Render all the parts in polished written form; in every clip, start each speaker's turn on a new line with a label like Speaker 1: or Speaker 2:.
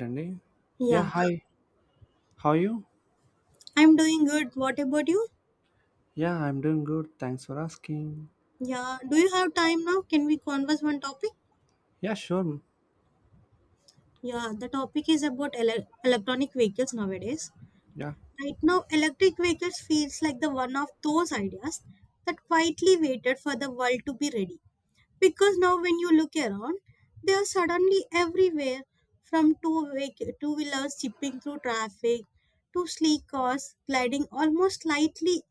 Speaker 1: Randy. Yeah,
Speaker 2: Yeah,
Speaker 1: hi. How are you?
Speaker 2: I'm doing good. What about you?
Speaker 1: Yeah, I'm doing good. Thanks for asking.
Speaker 2: Yeah, do you have time now? Can we converse one topic?
Speaker 1: Yeah, sure.
Speaker 2: Yeah, the topic is about electronic vehicles nowadays.
Speaker 1: Yeah,
Speaker 2: Right now, electric vehicles feels like the one of those ideas that quietly waited for the world to be ready, because now when you look around, they are suddenly everywhere, from two wheelers chipping through traffic to sleek cars gliding almost lightly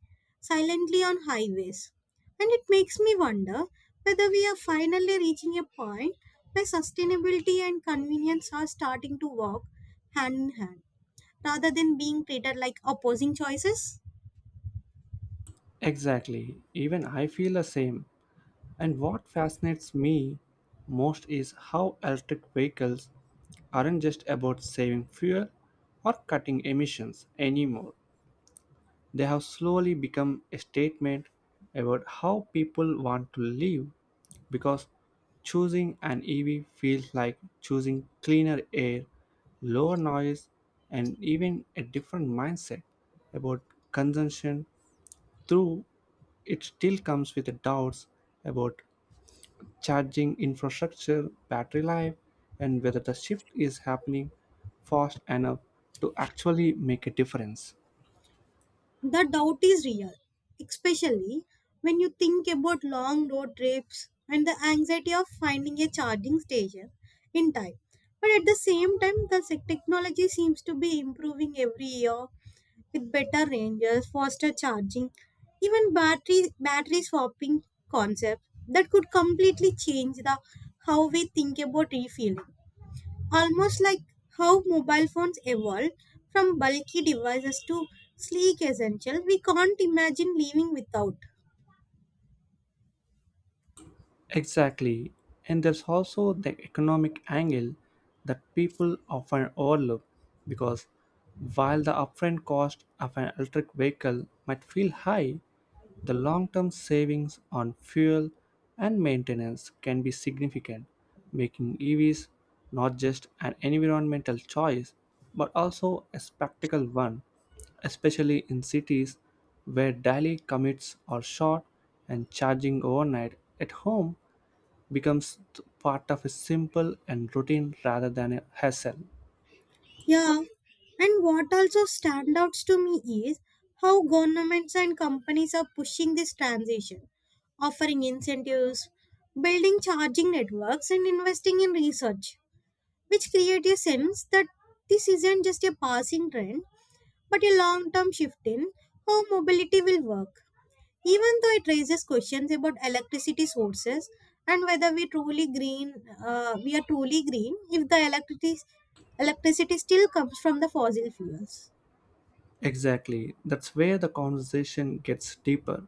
Speaker 2: silently on highways. And it makes me wonder whether we are finally reaching a point where sustainability and convenience are starting to walk hand in hand rather than being treated like opposing choices.
Speaker 1: exactly. Even I feel the same. And what fascinates me most is how electric vehicles aren't just about saving fuel or cutting emissions anymore. They have slowly become a statement about how people want to live, because choosing an EV feels like choosing cleaner air, lower noise, and even a different mindset about consumption, though it still comes with doubts about charging infrastructure, battery life, and whether the shift is happening fast enough to actually make a difference.
Speaker 2: The doubt is real, especially when you think about long road trips and the anxiety of finding a charging station in time. But at the same time, the technology seems to be improving every year with better ranges, faster charging, even battery swapping concepts that could completely change the how we think about refueling. Almost like how mobile phones evolved from bulky devices to sleek essential, we can't imagine living without.
Speaker 1: Exactly. And there's also the economic angle that people often overlook, because while the upfront cost of an electric vehicle might feel high, the long term savings on fuel and maintenance can be significant, making EVs not just an environmental choice but also a practical one, especially in cities where daily commutes are short and charging overnight at home becomes part of a simple and routine rather than a hassle.
Speaker 2: Yeah, and what also stands out to me is how governments and companies are pushing this transition, offering incentives, building charging networks, and investing in research, which create a sense that this isn't just a passing trend, but a long term shift in how mobility will work, even though it raises questions about electricity sources and whether we are truly green if the electricity still comes from the fossil fuels.
Speaker 1: Exactly. That's where the conversation gets deeper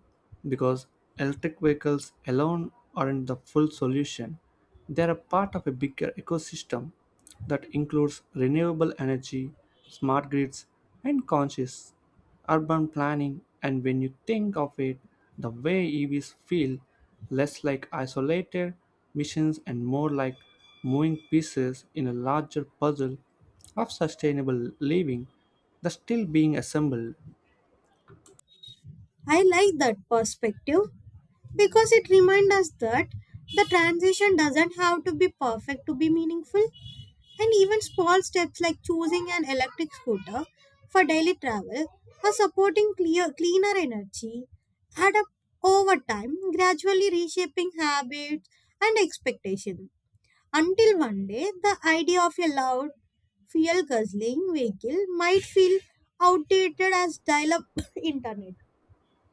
Speaker 1: because electric vehicles alone aren't the full solution. They're a part of a bigger ecosystem that includes renewable energy, smart grids, and conscious urban planning. And when you think of it, the way EVs feel less like isolated missions and more like moving pieces in a larger puzzle of sustainable living that's still being assembled.
Speaker 2: I like that perspective because it reminds us that the transition doesn't have to be perfect to be meaningful. And even small steps like choosing an electric scooter for daily travel or supporting cleaner energy add up over time, gradually reshaping habits and expectations. Until one day, the idea of a loud, fuel guzzling vehicle might feel outdated as dial up internet.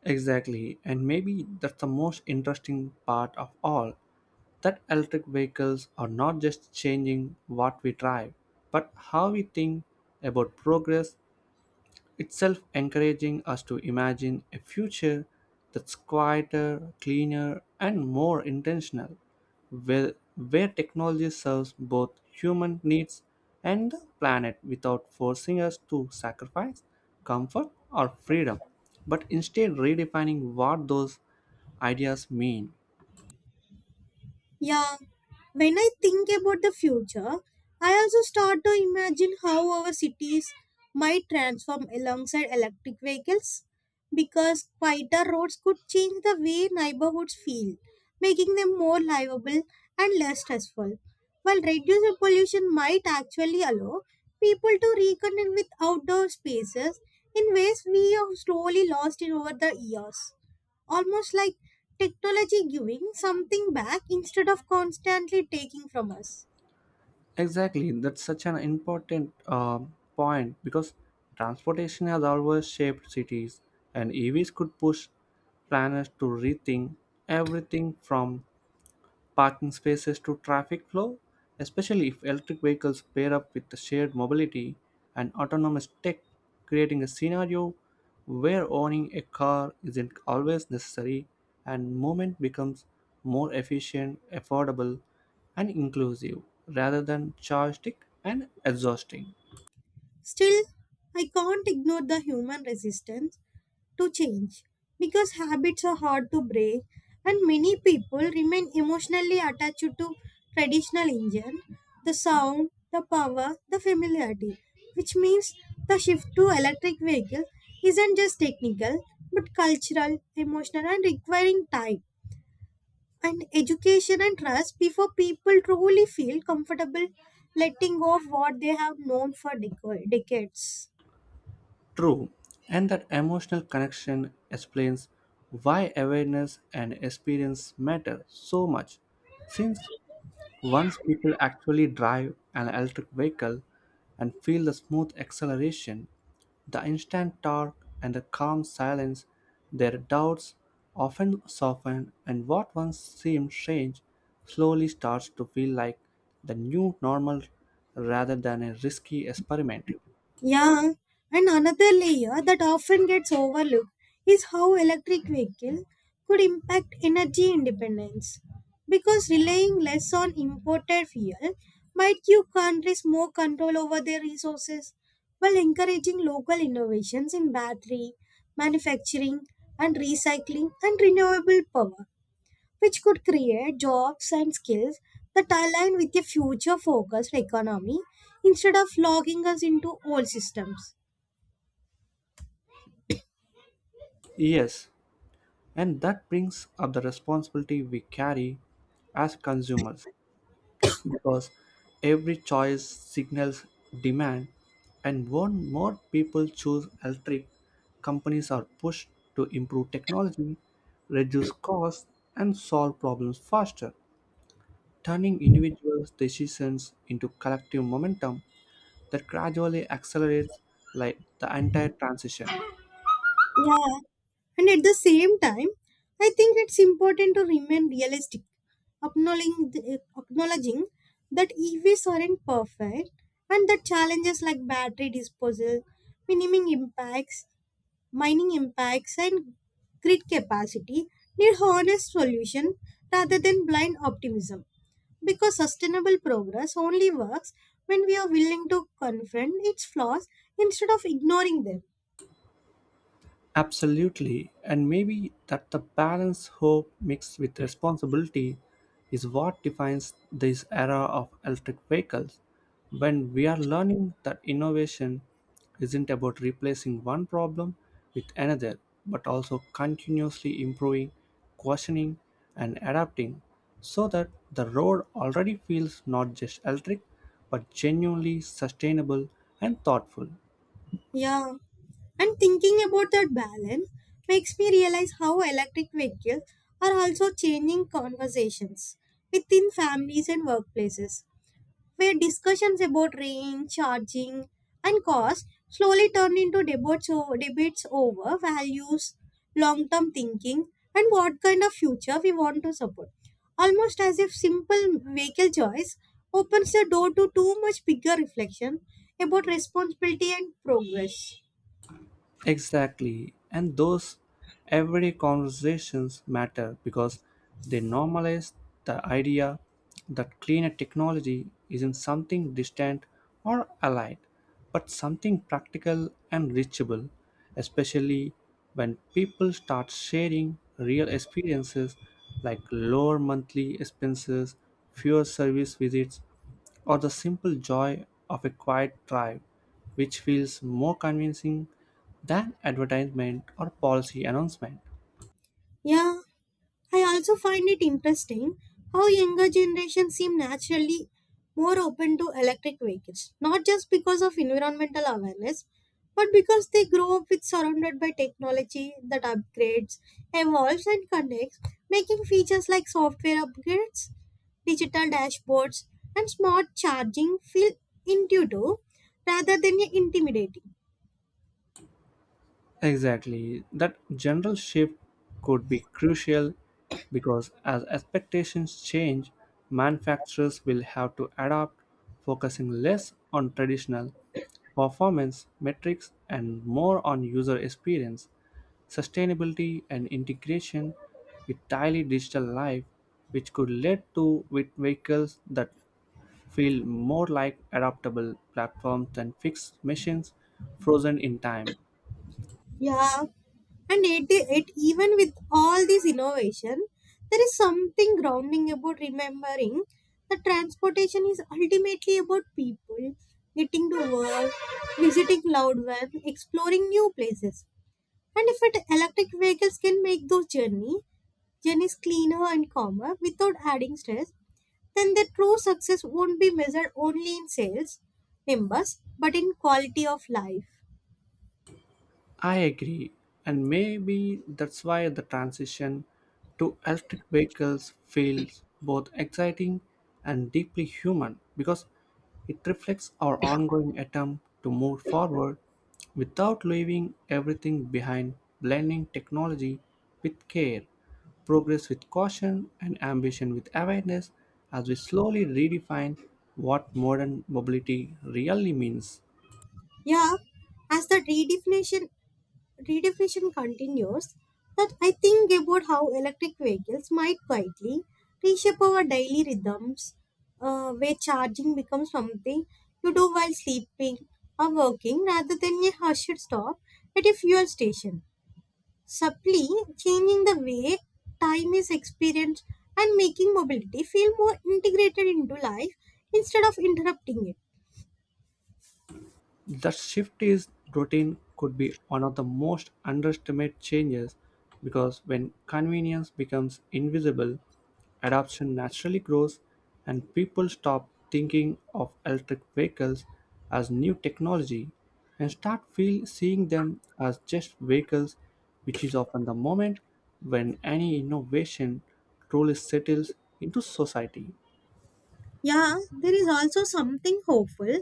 Speaker 1: Exactly, and maybe that's the most interesting part of all, that electric vehicles are not just changing what we drive but how we think about progress itself, encouraging us to imagine a future that's quieter, cleaner, and more intentional, where technology serves both human needs and the planet without forcing us to sacrifice comfort or freedom, but instead redefining what those ideas mean.
Speaker 2: Yeah, when I think about the future, I also start to imagine how our cities might transform alongside electric vehicles, because quieter roads could change the way neighborhoods feel, making them more livable and less stressful, while reduced pollution might actually allow people to reconnect with outdoor spaces in ways we have slowly lost in over the years. Almost like technology giving something back instead of constantly taking from us.
Speaker 1: Exactly, that's such an important point, because transportation has always shaped cities, and EVs could push planners to rethink everything from parking spaces to traffic flow, especially if electric vehicles pair up with the shared mobility and autonomous tech, creating a scenario where owning a car isn't always necessary and movement becomes more efficient, affordable, and inclusive rather than charged and exhausting.
Speaker 2: Still, I can't ignore the human resistance to change because habits are hard to break and many people remain emotionally attached to traditional engine, the sound, the power, the familiarity, which means the shift to electric vehicle isn't just technical but cultural, emotional and requiring time and education and trust before people truly feel comfortable letting go of what they have known for decades.
Speaker 1: True, and that emotional connection explains why awareness and experience matter so much, since once people actually drive an electric vehicle and feel the smooth acceleration, the instant torque, and the calm silence, their doubts often soften, and what once seemed strange slowly starts to feel like the new normal rather than a risky experiment.
Speaker 2: Yeah, and another layer that often gets overlooked is how electric vehicle could impact energy independence because relying less on imported fuel might give countries more control over their resources while encouraging local innovations in battery manufacturing and recycling and renewable power, which could create jobs and skills that align with a future focused economy instead of logging us into old systems.
Speaker 1: Yes, and that brings up the responsibility we carry as consumers. Because every choice signals demand, and more people choose electric, companies are pushed to improve technology, reduce costs, and solve problems faster, turning individual decisions into collective momentum that gradually accelerates like the entire transition.
Speaker 2: Yeah. And at the same time, I think it's important to remain realistic, acknowledging that EVs aren't perfect and that challenges like battery disposal, minimum impacts, mining impacts and grid capacity need honest solution rather than blind optimism, because sustainable progress only works when we are willing to confront its flaws instead of ignoring them.
Speaker 1: Absolutely, and maybe that the balance, hope mixed with responsibility, is what defines this era of electric vehicles. When we are learning that innovation isn't about replacing one problem with another, but also continuously improving, questioning, and adapting, so that the road already feels not just electric but genuinely sustainable and thoughtful.
Speaker 2: Yeah, and thinking about that balance makes me realize how electric vehicles are also changing conversations within families and workplaces where discussions about range, charging, and cost slowly turned into debates over values, long term thinking, and what kind of future we want to support. Almost as if simple vehicle choice opens the door to too much bigger reflection about responsibility and progress.
Speaker 1: Exactly. And those everyday conversations matter because they normalize the idea that cleaner technology isn't something distant or allied, but something practical and reachable, especially when people start sharing real experiences like lower monthly expenses, fewer service visits, or the simple joy of a quiet drive, which feels more convincing than advertisement or policy announcement.
Speaker 2: Yeah. I also find it interesting how younger generations seem naturally more open to electric vehicles, not just because of environmental awareness, but because they grow up with surrounded by technology that upgrades, evolves and connects, making features like software upgrades, digital dashboards, and smart charging feel intuitive rather than intimidating.
Speaker 1: Exactly, that general shift could be crucial because as expectations change, manufacturers will have to adapt, focusing less on traditional performance metrics and more on user experience, sustainability, and integration with daily digital life, which could lead to with vehicles that feel more like adaptable platforms than fixed machines frozen in time.
Speaker 2: Yeah, and it even with all this innovation, there is something grounding about remembering that transportation is ultimately about people getting to work, visiting loved ones, exploring new places. And if it electric vehicles can make those journeys cleaner and calmer without adding stress, then their true success won't be measured only in sales numbers but in quality of life.
Speaker 1: I agree, and maybe that's why the transition to electric vehicles feels both exciting and deeply human, because it reflects our ongoing attempt to move forward without leaving everything behind, blending technology with care, progress with caution, and ambition with awareness as we slowly redefine what modern mobility really means.
Speaker 2: Yeah, as the redefinition continues that I think about how electric vehicles might quietly reshape our daily rhythms, where charging becomes something you do while sleeping or working rather than a hushed stop at a fuel station, subtly changing the way time is experienced and making mobility feel more integrated into life instead of interrupting it.
Speaker 1: That shift is routine could be one of the most underestimated changes, because when convenience becomes invisible, adoption naturally grows and people stop thinking of electric vehicles as new technology and start feel seeing them as just vehicles, which is often the moment when any innovation truly settles into society.
Speaker 2: Yeah, there is also something hopeful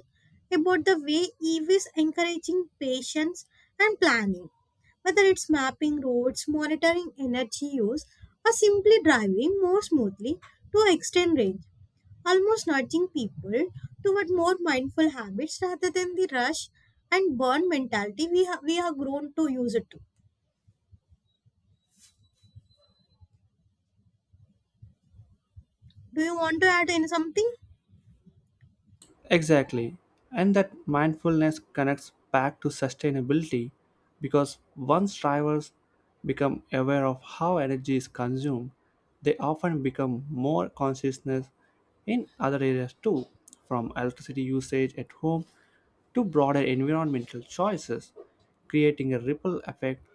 Speaker 2: about the way EVs encouraging patience and planning. Whether it's mapping roads, monitoring energy use, or simply driving more smoothly to extend range, almost nudging people toward more mindful habits rather than the rush and burn mentality we have grown to use it to. Do you want to add in something?
Speaker 1: Exactly. And that mindfulness connects back to sustainability because once drivers become aware of how energy is consumed, they often become more consciousness in other areas too, from electricity usage at home to broader environmental choices, creating a ripple effect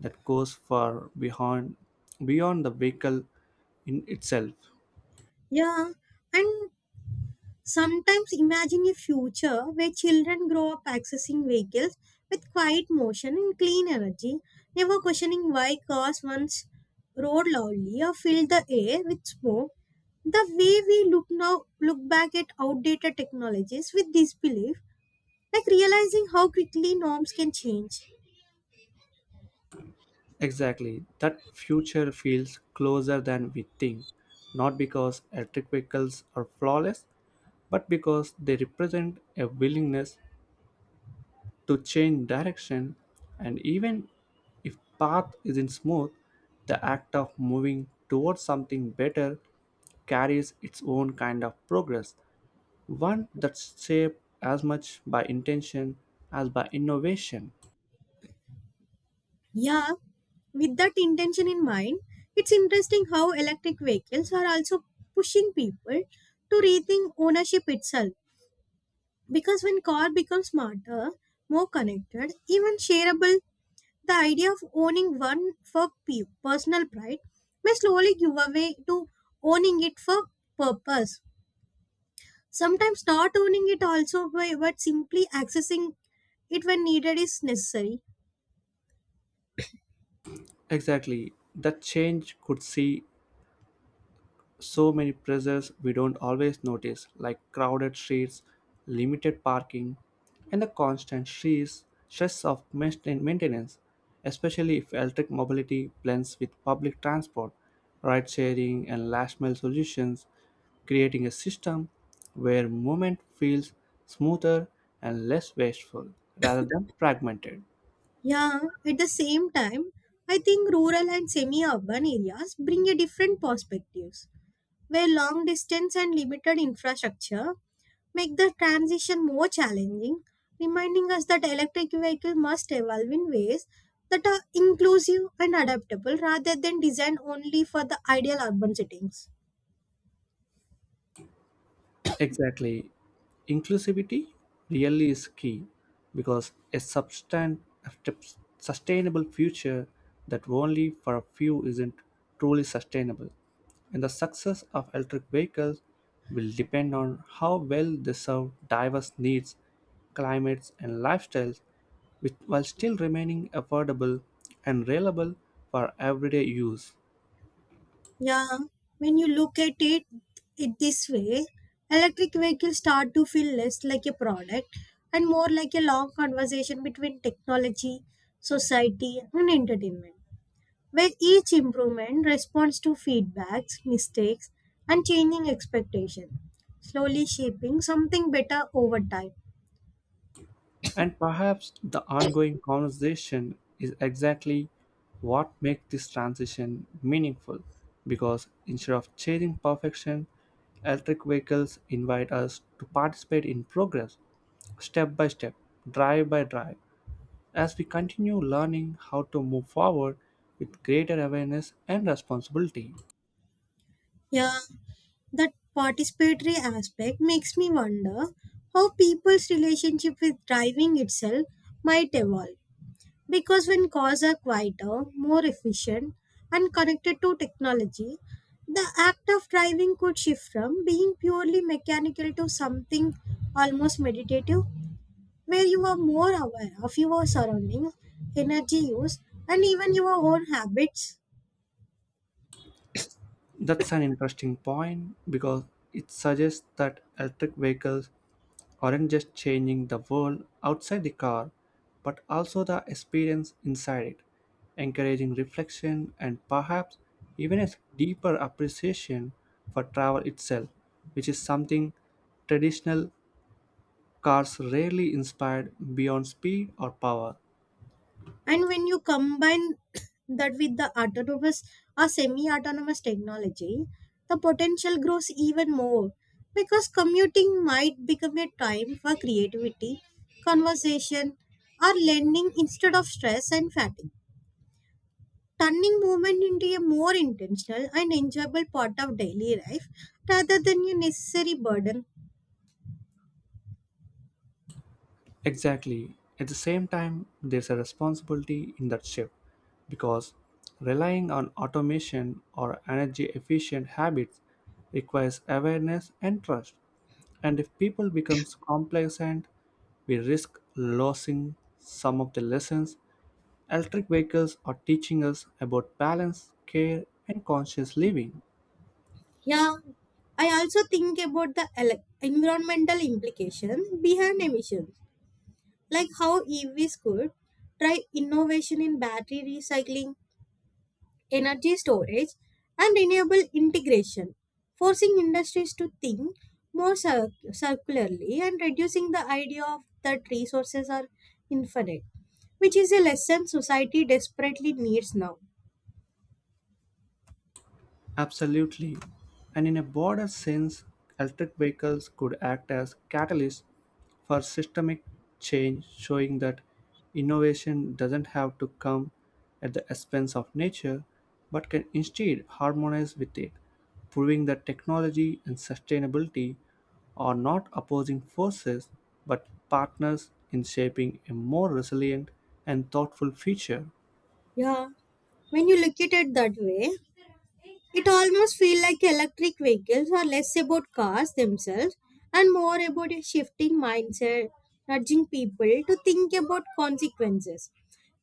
Speaker 1: that goes far beyond the vehicle in itself.
Speaker 2: Yeah, and sometimes imagine a future where children grow up accessing vehicles with quiet motion and clean energy, never questioning why cars once roared loudly or filled the air with smoke. The way we look now look back at outdated technologies with disbelief, like realizing how quickly norms can change.
Speaker 1: Exactly. That future feels closer than we think, not because electric vehicles are flawless, but because they represent a willingness to change direction. And even if path isn't smooth, the act of moving towards something better carries its own kind of progress, one that's shaped as much by intention as by innovation.
Speaker 2: Yeah, with that intention in mind, it's interesting how electric vehicles are also pushing people to rethink ownership itself, because when car becomes smarter, more connected, even shareable, the idea of owning one for personal pride may slowly give away to owning it for purpose. Sometimes not owning it also, but simply accessing it when needed is necessary.
Speaker 1: Exactly, that change could see so many pressures we don't always notice, like crowded streets, limited parking, and the constant stress of maintenance, especially if electric mobility blends with public transport, ride sharing, and last mile solutions, creating a system where movement feels smoother and less wasteful rather than fragmented.
Speaker 2: Yeah, at the same time, I think rural and semi urban areas bring a different perspectives, where long distance and limited infrastructure make the transition more challenging, reminding us that electric vehicles must evolve in ways that are inclusive and adaptable rather than designed only for the ideal urban settings.
Speaker 1: Exactly. Inclusivity really is key, because a sustainable future that only for a few isn't truly sustainable. And the success of electric vehicles will depend on how well they serve diverse needs, climates, and lifestyles with, while still remaining affordable and reliable for everyday use.
Speaker 2: Yeah, when you look at it, it this way, electric vehicles start to feel less like a product and more like a long conversation between technology, society, and entertainment where each improvement responds to feedbacks, mistakes, and changing expectations, slowly shaping something better over time.
Speaker 1: And perhaps the ongoing conversation is exactly what makes this transition meaningful, because instead of chasing perfection, electric vehicles invite us to participate in progress step by step, drive by drive, as we continue learning how to move forward with greater awareness and responsibility.
Speaker 2: Yeah, that participatory aspect makes me wonder how people's relationship with driving itself might evolve. Because when cars are quieter, more efficient, and connected to technology, the act of driving could shift from being purely mechanical to something almost meditative where you are more aware of your surroundings, energy use, and even your own habits.
Speaker 1: That's an interesting point because it suggests that electric vehicles aren't just changing the world outside the car, but also the experience inside it, encouraging reflection and perhaps even a deeper appreciation for travel itself, which is something traditional cars rarely inspired beyond speed or power.
Speaker 2: And when you combine that with the autonomous or semi autonomous technology, the potential grows even more because commuting might become a time for creativity, conversation, or learning instead of stress and fatigue, turning movement into a more intentional and enjoyable part of daily life rather than a necessary burden.
Speaker 1: Exactly. At the same time, there's a responsibility in that shift because relying on automation or energy efficient habits requires awareness and trust. And if people become complacent, we risk losing some of the lessons electric vehicles are teaching us about balance, care, and conscious living.
Speaker 2: Yeah, I also think about the environmental implications behind emissions, like how EVs could try innovation in battery recycling, energy storage, and renewable integration, forcing industries to think more circularly and reducing the idea of that resources are infinite, which is a lesson society desperately needs now.
Speaker 1: Absolutely. And in a broader sense, electric vehicles could act as catalysts for systemic change, showing that innovation doesn't have to come at the expense of nature, but can instead harmonize with it, proving that technology and sustainability are not opposing forces but partners in shaping a more resilient and thoughtful future.
Speaker 2: Yeah, when you look at it that way, it almost feels like electric vehicles are less about cars themselves and more about a shifting mindset, nudging people to think about consequences,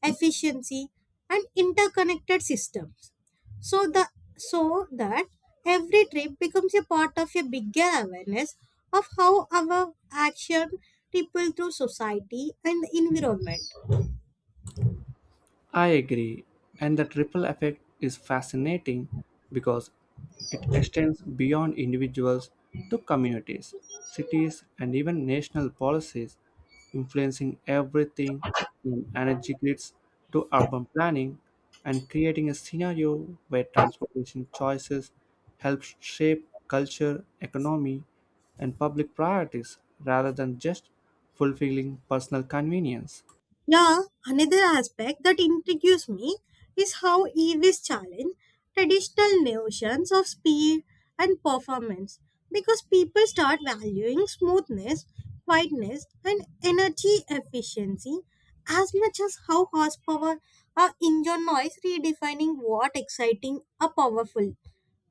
Speaker 2: efficiency, and interconnected systems. So the so that every trip becomes a part of a bigger awareness of how our action ripple through society and the environment.
Speaker 1: I agree, and that ripple effect is fascinating because it extends beyond individuals to communities, cities, and even national policies, influencing everything from energy grids to urban planning and creating a scenario where transportation choices help shape culture, economy, and public priorities rather than just fulfilling personal convenience.
Speaker 2: Yeah, another aspect that intrigues me is how EVs challenge traditional notions of speed and performance because people start valuing smoothness, quietness, and energy efficiency as much as how horsepower or engine noise redefining what exciting or powerful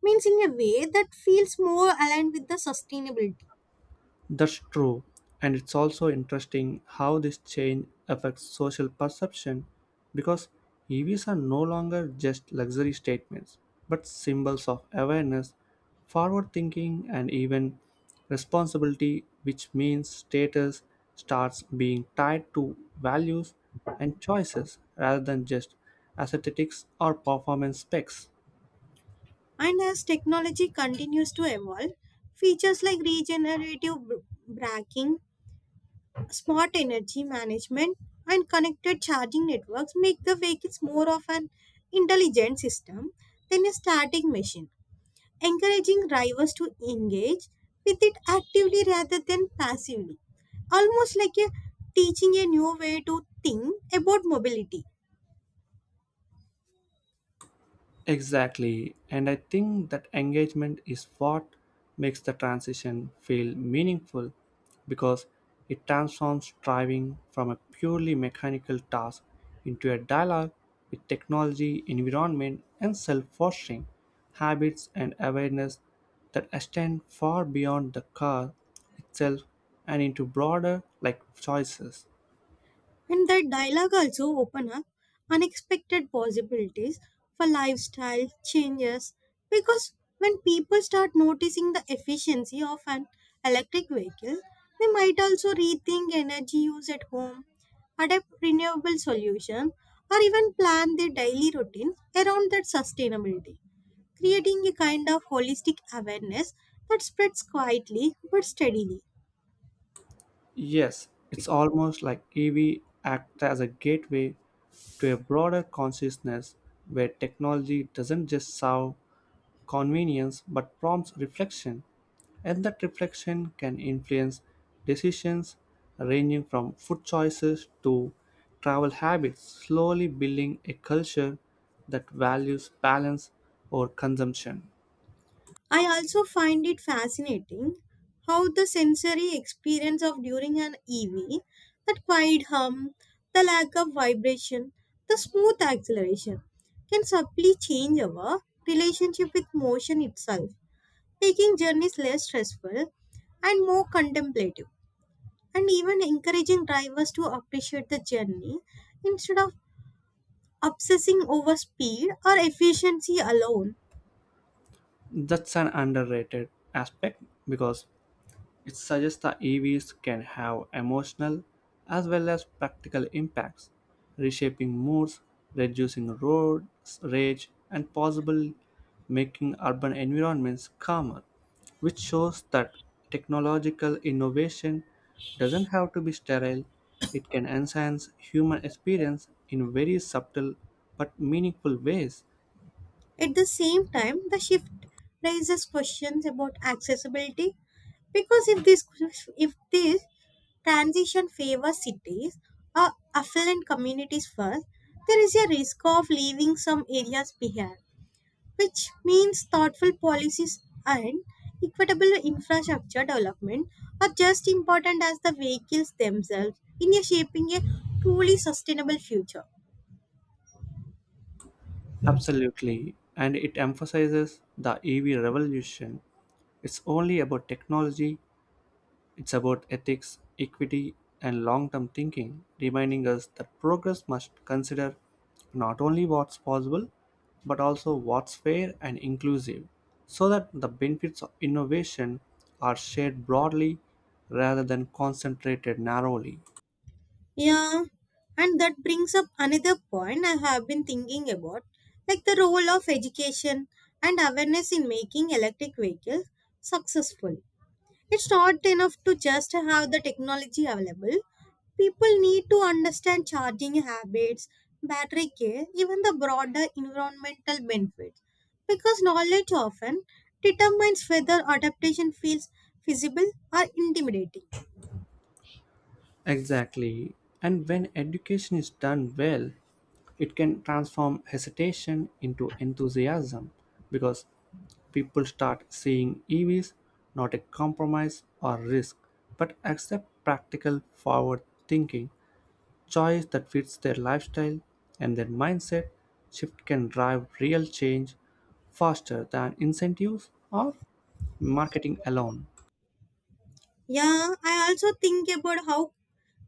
Speaker 2: means in a way that feels more aligned with the sustainability.
Speaker 1: That's true, and it's also interesting how this change affects social perception because EVs are no longer just luxury statements but symbols of awareness, forward thinking, and even responsibility, which means status starts being tied to values and choices rather than just aesthetics or performance specs.
Speaker 2: And as technology continues to evolve, features like regenerative braking, smart energy management, and connected charging networks make the vehicles more of an intelligent system than a static machine, encouraging drivers to engage with it actively rather than passively, almost like a teaching a new way to think about mobility.
Speaker 1: Exactly. And I think that engagement is what makes the transition feel meaningful because it transforms driving from a purely mechanical task into a dialogue with technology, environment, and self fostering habits and awareness that extend far beyond the car itself and into broader like choices.
Speaker 2: And that dialogue also open up unexpected possibilities for lifestyle changes, because when people start noticing the efficiency of an electric vehicle, they might also rethink energy use at home, adapt renewable solutions, or even plan their daily routines around that sustainability, creating a kind of holistic awareness that spreads quietly but steadily.
Speaker 1: Yes, it's almost like EV act as a gateway to a broader consciousness where technology doesn't just serve convenience but prompts reflection, and that reflection can influence decisions ranging from food choices to travel habits, slowly building a culture that values balance over consumption.
Speaker 2: I also find it fascinating how the sensory experience of during an EV, that quiet hum, the lack of vibration, the smooth acceleration, can subtly change our relationship with motion itself, making journeys less stressful and more contemplative, and even encouraging drivers to appreciate the journey instead of obsessing over speed or efficiency alone.
Speaker 1: That's an underrated aspect because it suggests the EVs can have emotional as well as practical impacts, reshaping moods, reducing road rage, and possibly making urban environments calmer, which shows that technological innovation doesn't have to be sterile. It can enhance human experience in very subtle but meaningful ways.
Speaker 2: At the same time, the shift raises questions about accessibility because if this transition favors cities or affluent communities first, there is a risk of leaving some areas behind, which means thoughtful policies and equitable infrastructure development are just important as the vehicles themselves in a shaping a truly sustainable future.
Speaker 1: Absolutely, and it emphasizes the EV revolution. It's only about technology, it's about ethics, equity, and long term thinking, reminding us that progress must consider not only what's possible, but also what's fair and inclusive, so that the benefits of innovation are shared broadly rather than concentrated narrowly.
Speaker 2: Yeah, and that brings up another point I have been thinking about, like the role of education and awareness in making electric vehicles successful. It's not enough to just have the technology available. People need to understand charging habits, battery care, even the broader environmental benefits, because knowledge often determines whether adaptation feels feasible or intimidating.
Speaker 1: Exactly. And when education is done well, it can transform hesitation into enthusiasm because people start seeing EVs not a compromise or risk, but accept practical forward thinking, choice that fits their lifestyle and their mindset. Shift can drive real change faster than incentives or marketing alone.
Speaker 2: Yeah, I also think about how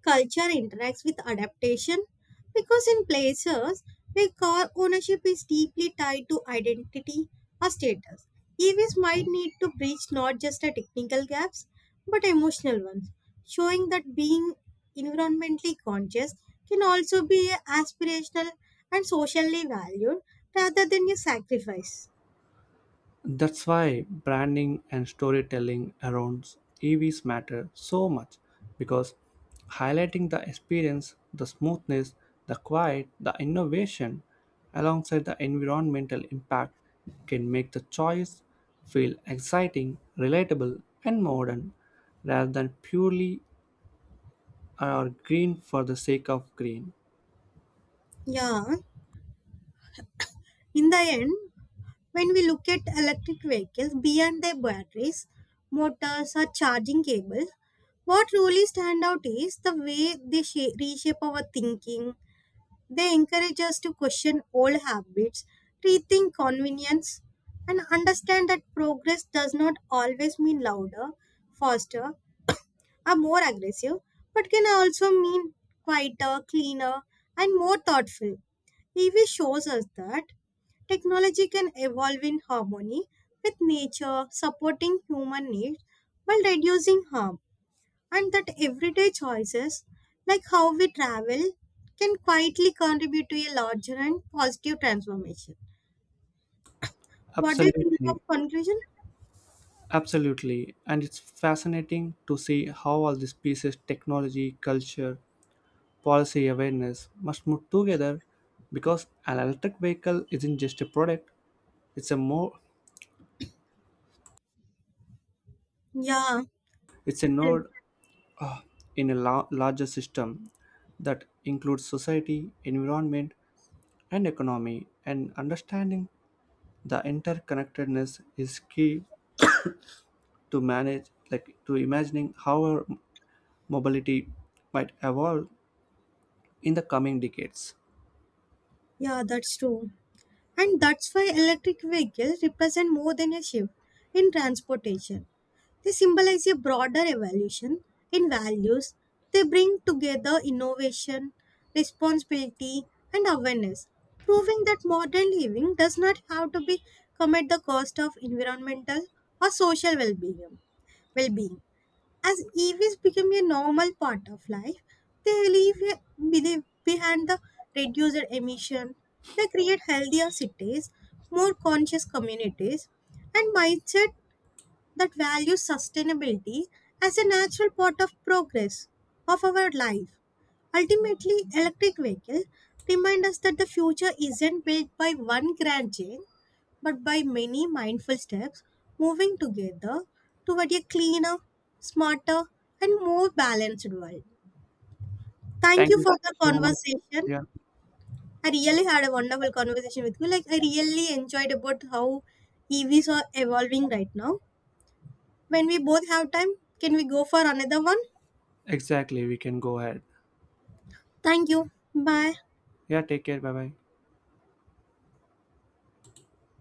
Speaker 2: culture interacts with adaptation because in places where car ownership is deeply tied to identity or status, EVs might need to bridge not just the technical gaps but emotional ones, showing that being environmentally conscious can also be aspirational and socially valued rather than a sacrifice.
Speaker 1: That's why branding and storytelling around EVs matter so much because highlighting the experience, the smoothness, the quiet, the innovation alongside the environmental impact can make the choice feel exciting, relatable, and modern rather than purely or green for the sake of green.
Speaker 2: Yeah, in the end, when we look at electric vehicles, beyond their batteries, motors, or charging cables, what really stand out is the way they shape, reshape our thinking. They encourage us to question old habits, rethink convenience, and understand that progress does not always mean louder, faster, are more aggressive but can also mean quieter, cleaner, and more thoughtful. EV shows us that technology can evolve in harmony with nature, supporting human needs while reducing harm, and that everyday choices like how we travel can quietly contribute to a larger and positive transformation. What do you think of
Speaker 1: Absolutely,
Speaker 2: conclusion?
Speaker 1: absolutely. And it's fascinating to see how all these pieces, technology, culture, policy awareness, must move together because an electric vehicle isn't just a product, it's a more
Speaker 2: Yeah,
Speaker 1: it's a node in a larger system that includes society, environment, and economy, and understanding the interconnectedness is key to manage, like, to imagining how our mobility might evolve in the coming decades.
Speaker 2: yeah, that's true. And that's why electric vehicles represent more than a shift in transportation. They symbolize a broader evolution in values. They bring together innovation, responsibility, and awareness, proving that modern living does not have to be come at the cost of environmental or social well-being. As EVs become a normal part of life, they leave believe behind the reduced emission. They create healthier cities, more conscious communities, and mindset that values sustainability as a natural part of progress of our life. Ultimately, electric vehicles remind us that the future isn't built by one grand change, but by many mindful steps moving together toward a cleaner, smarter, and more balanced world. Thank
Speaker 1: Thank
Speaker 2: you
Speaker 1: you
Speaker 2: for the
Speaker 1: so much.
Speaker 2: conversation.
Speaker 1: Yeah,
Speaker 2: I really had a wonderful conversation with you. Like I really enjoyed about how EVs are evolving right now. When we both have time, can we go for another one?
Speaker 1: exactly, we can go ahead.
Speaker 2: Thank you. Bye.
Speaker 1: Yeah, take care, bye bye.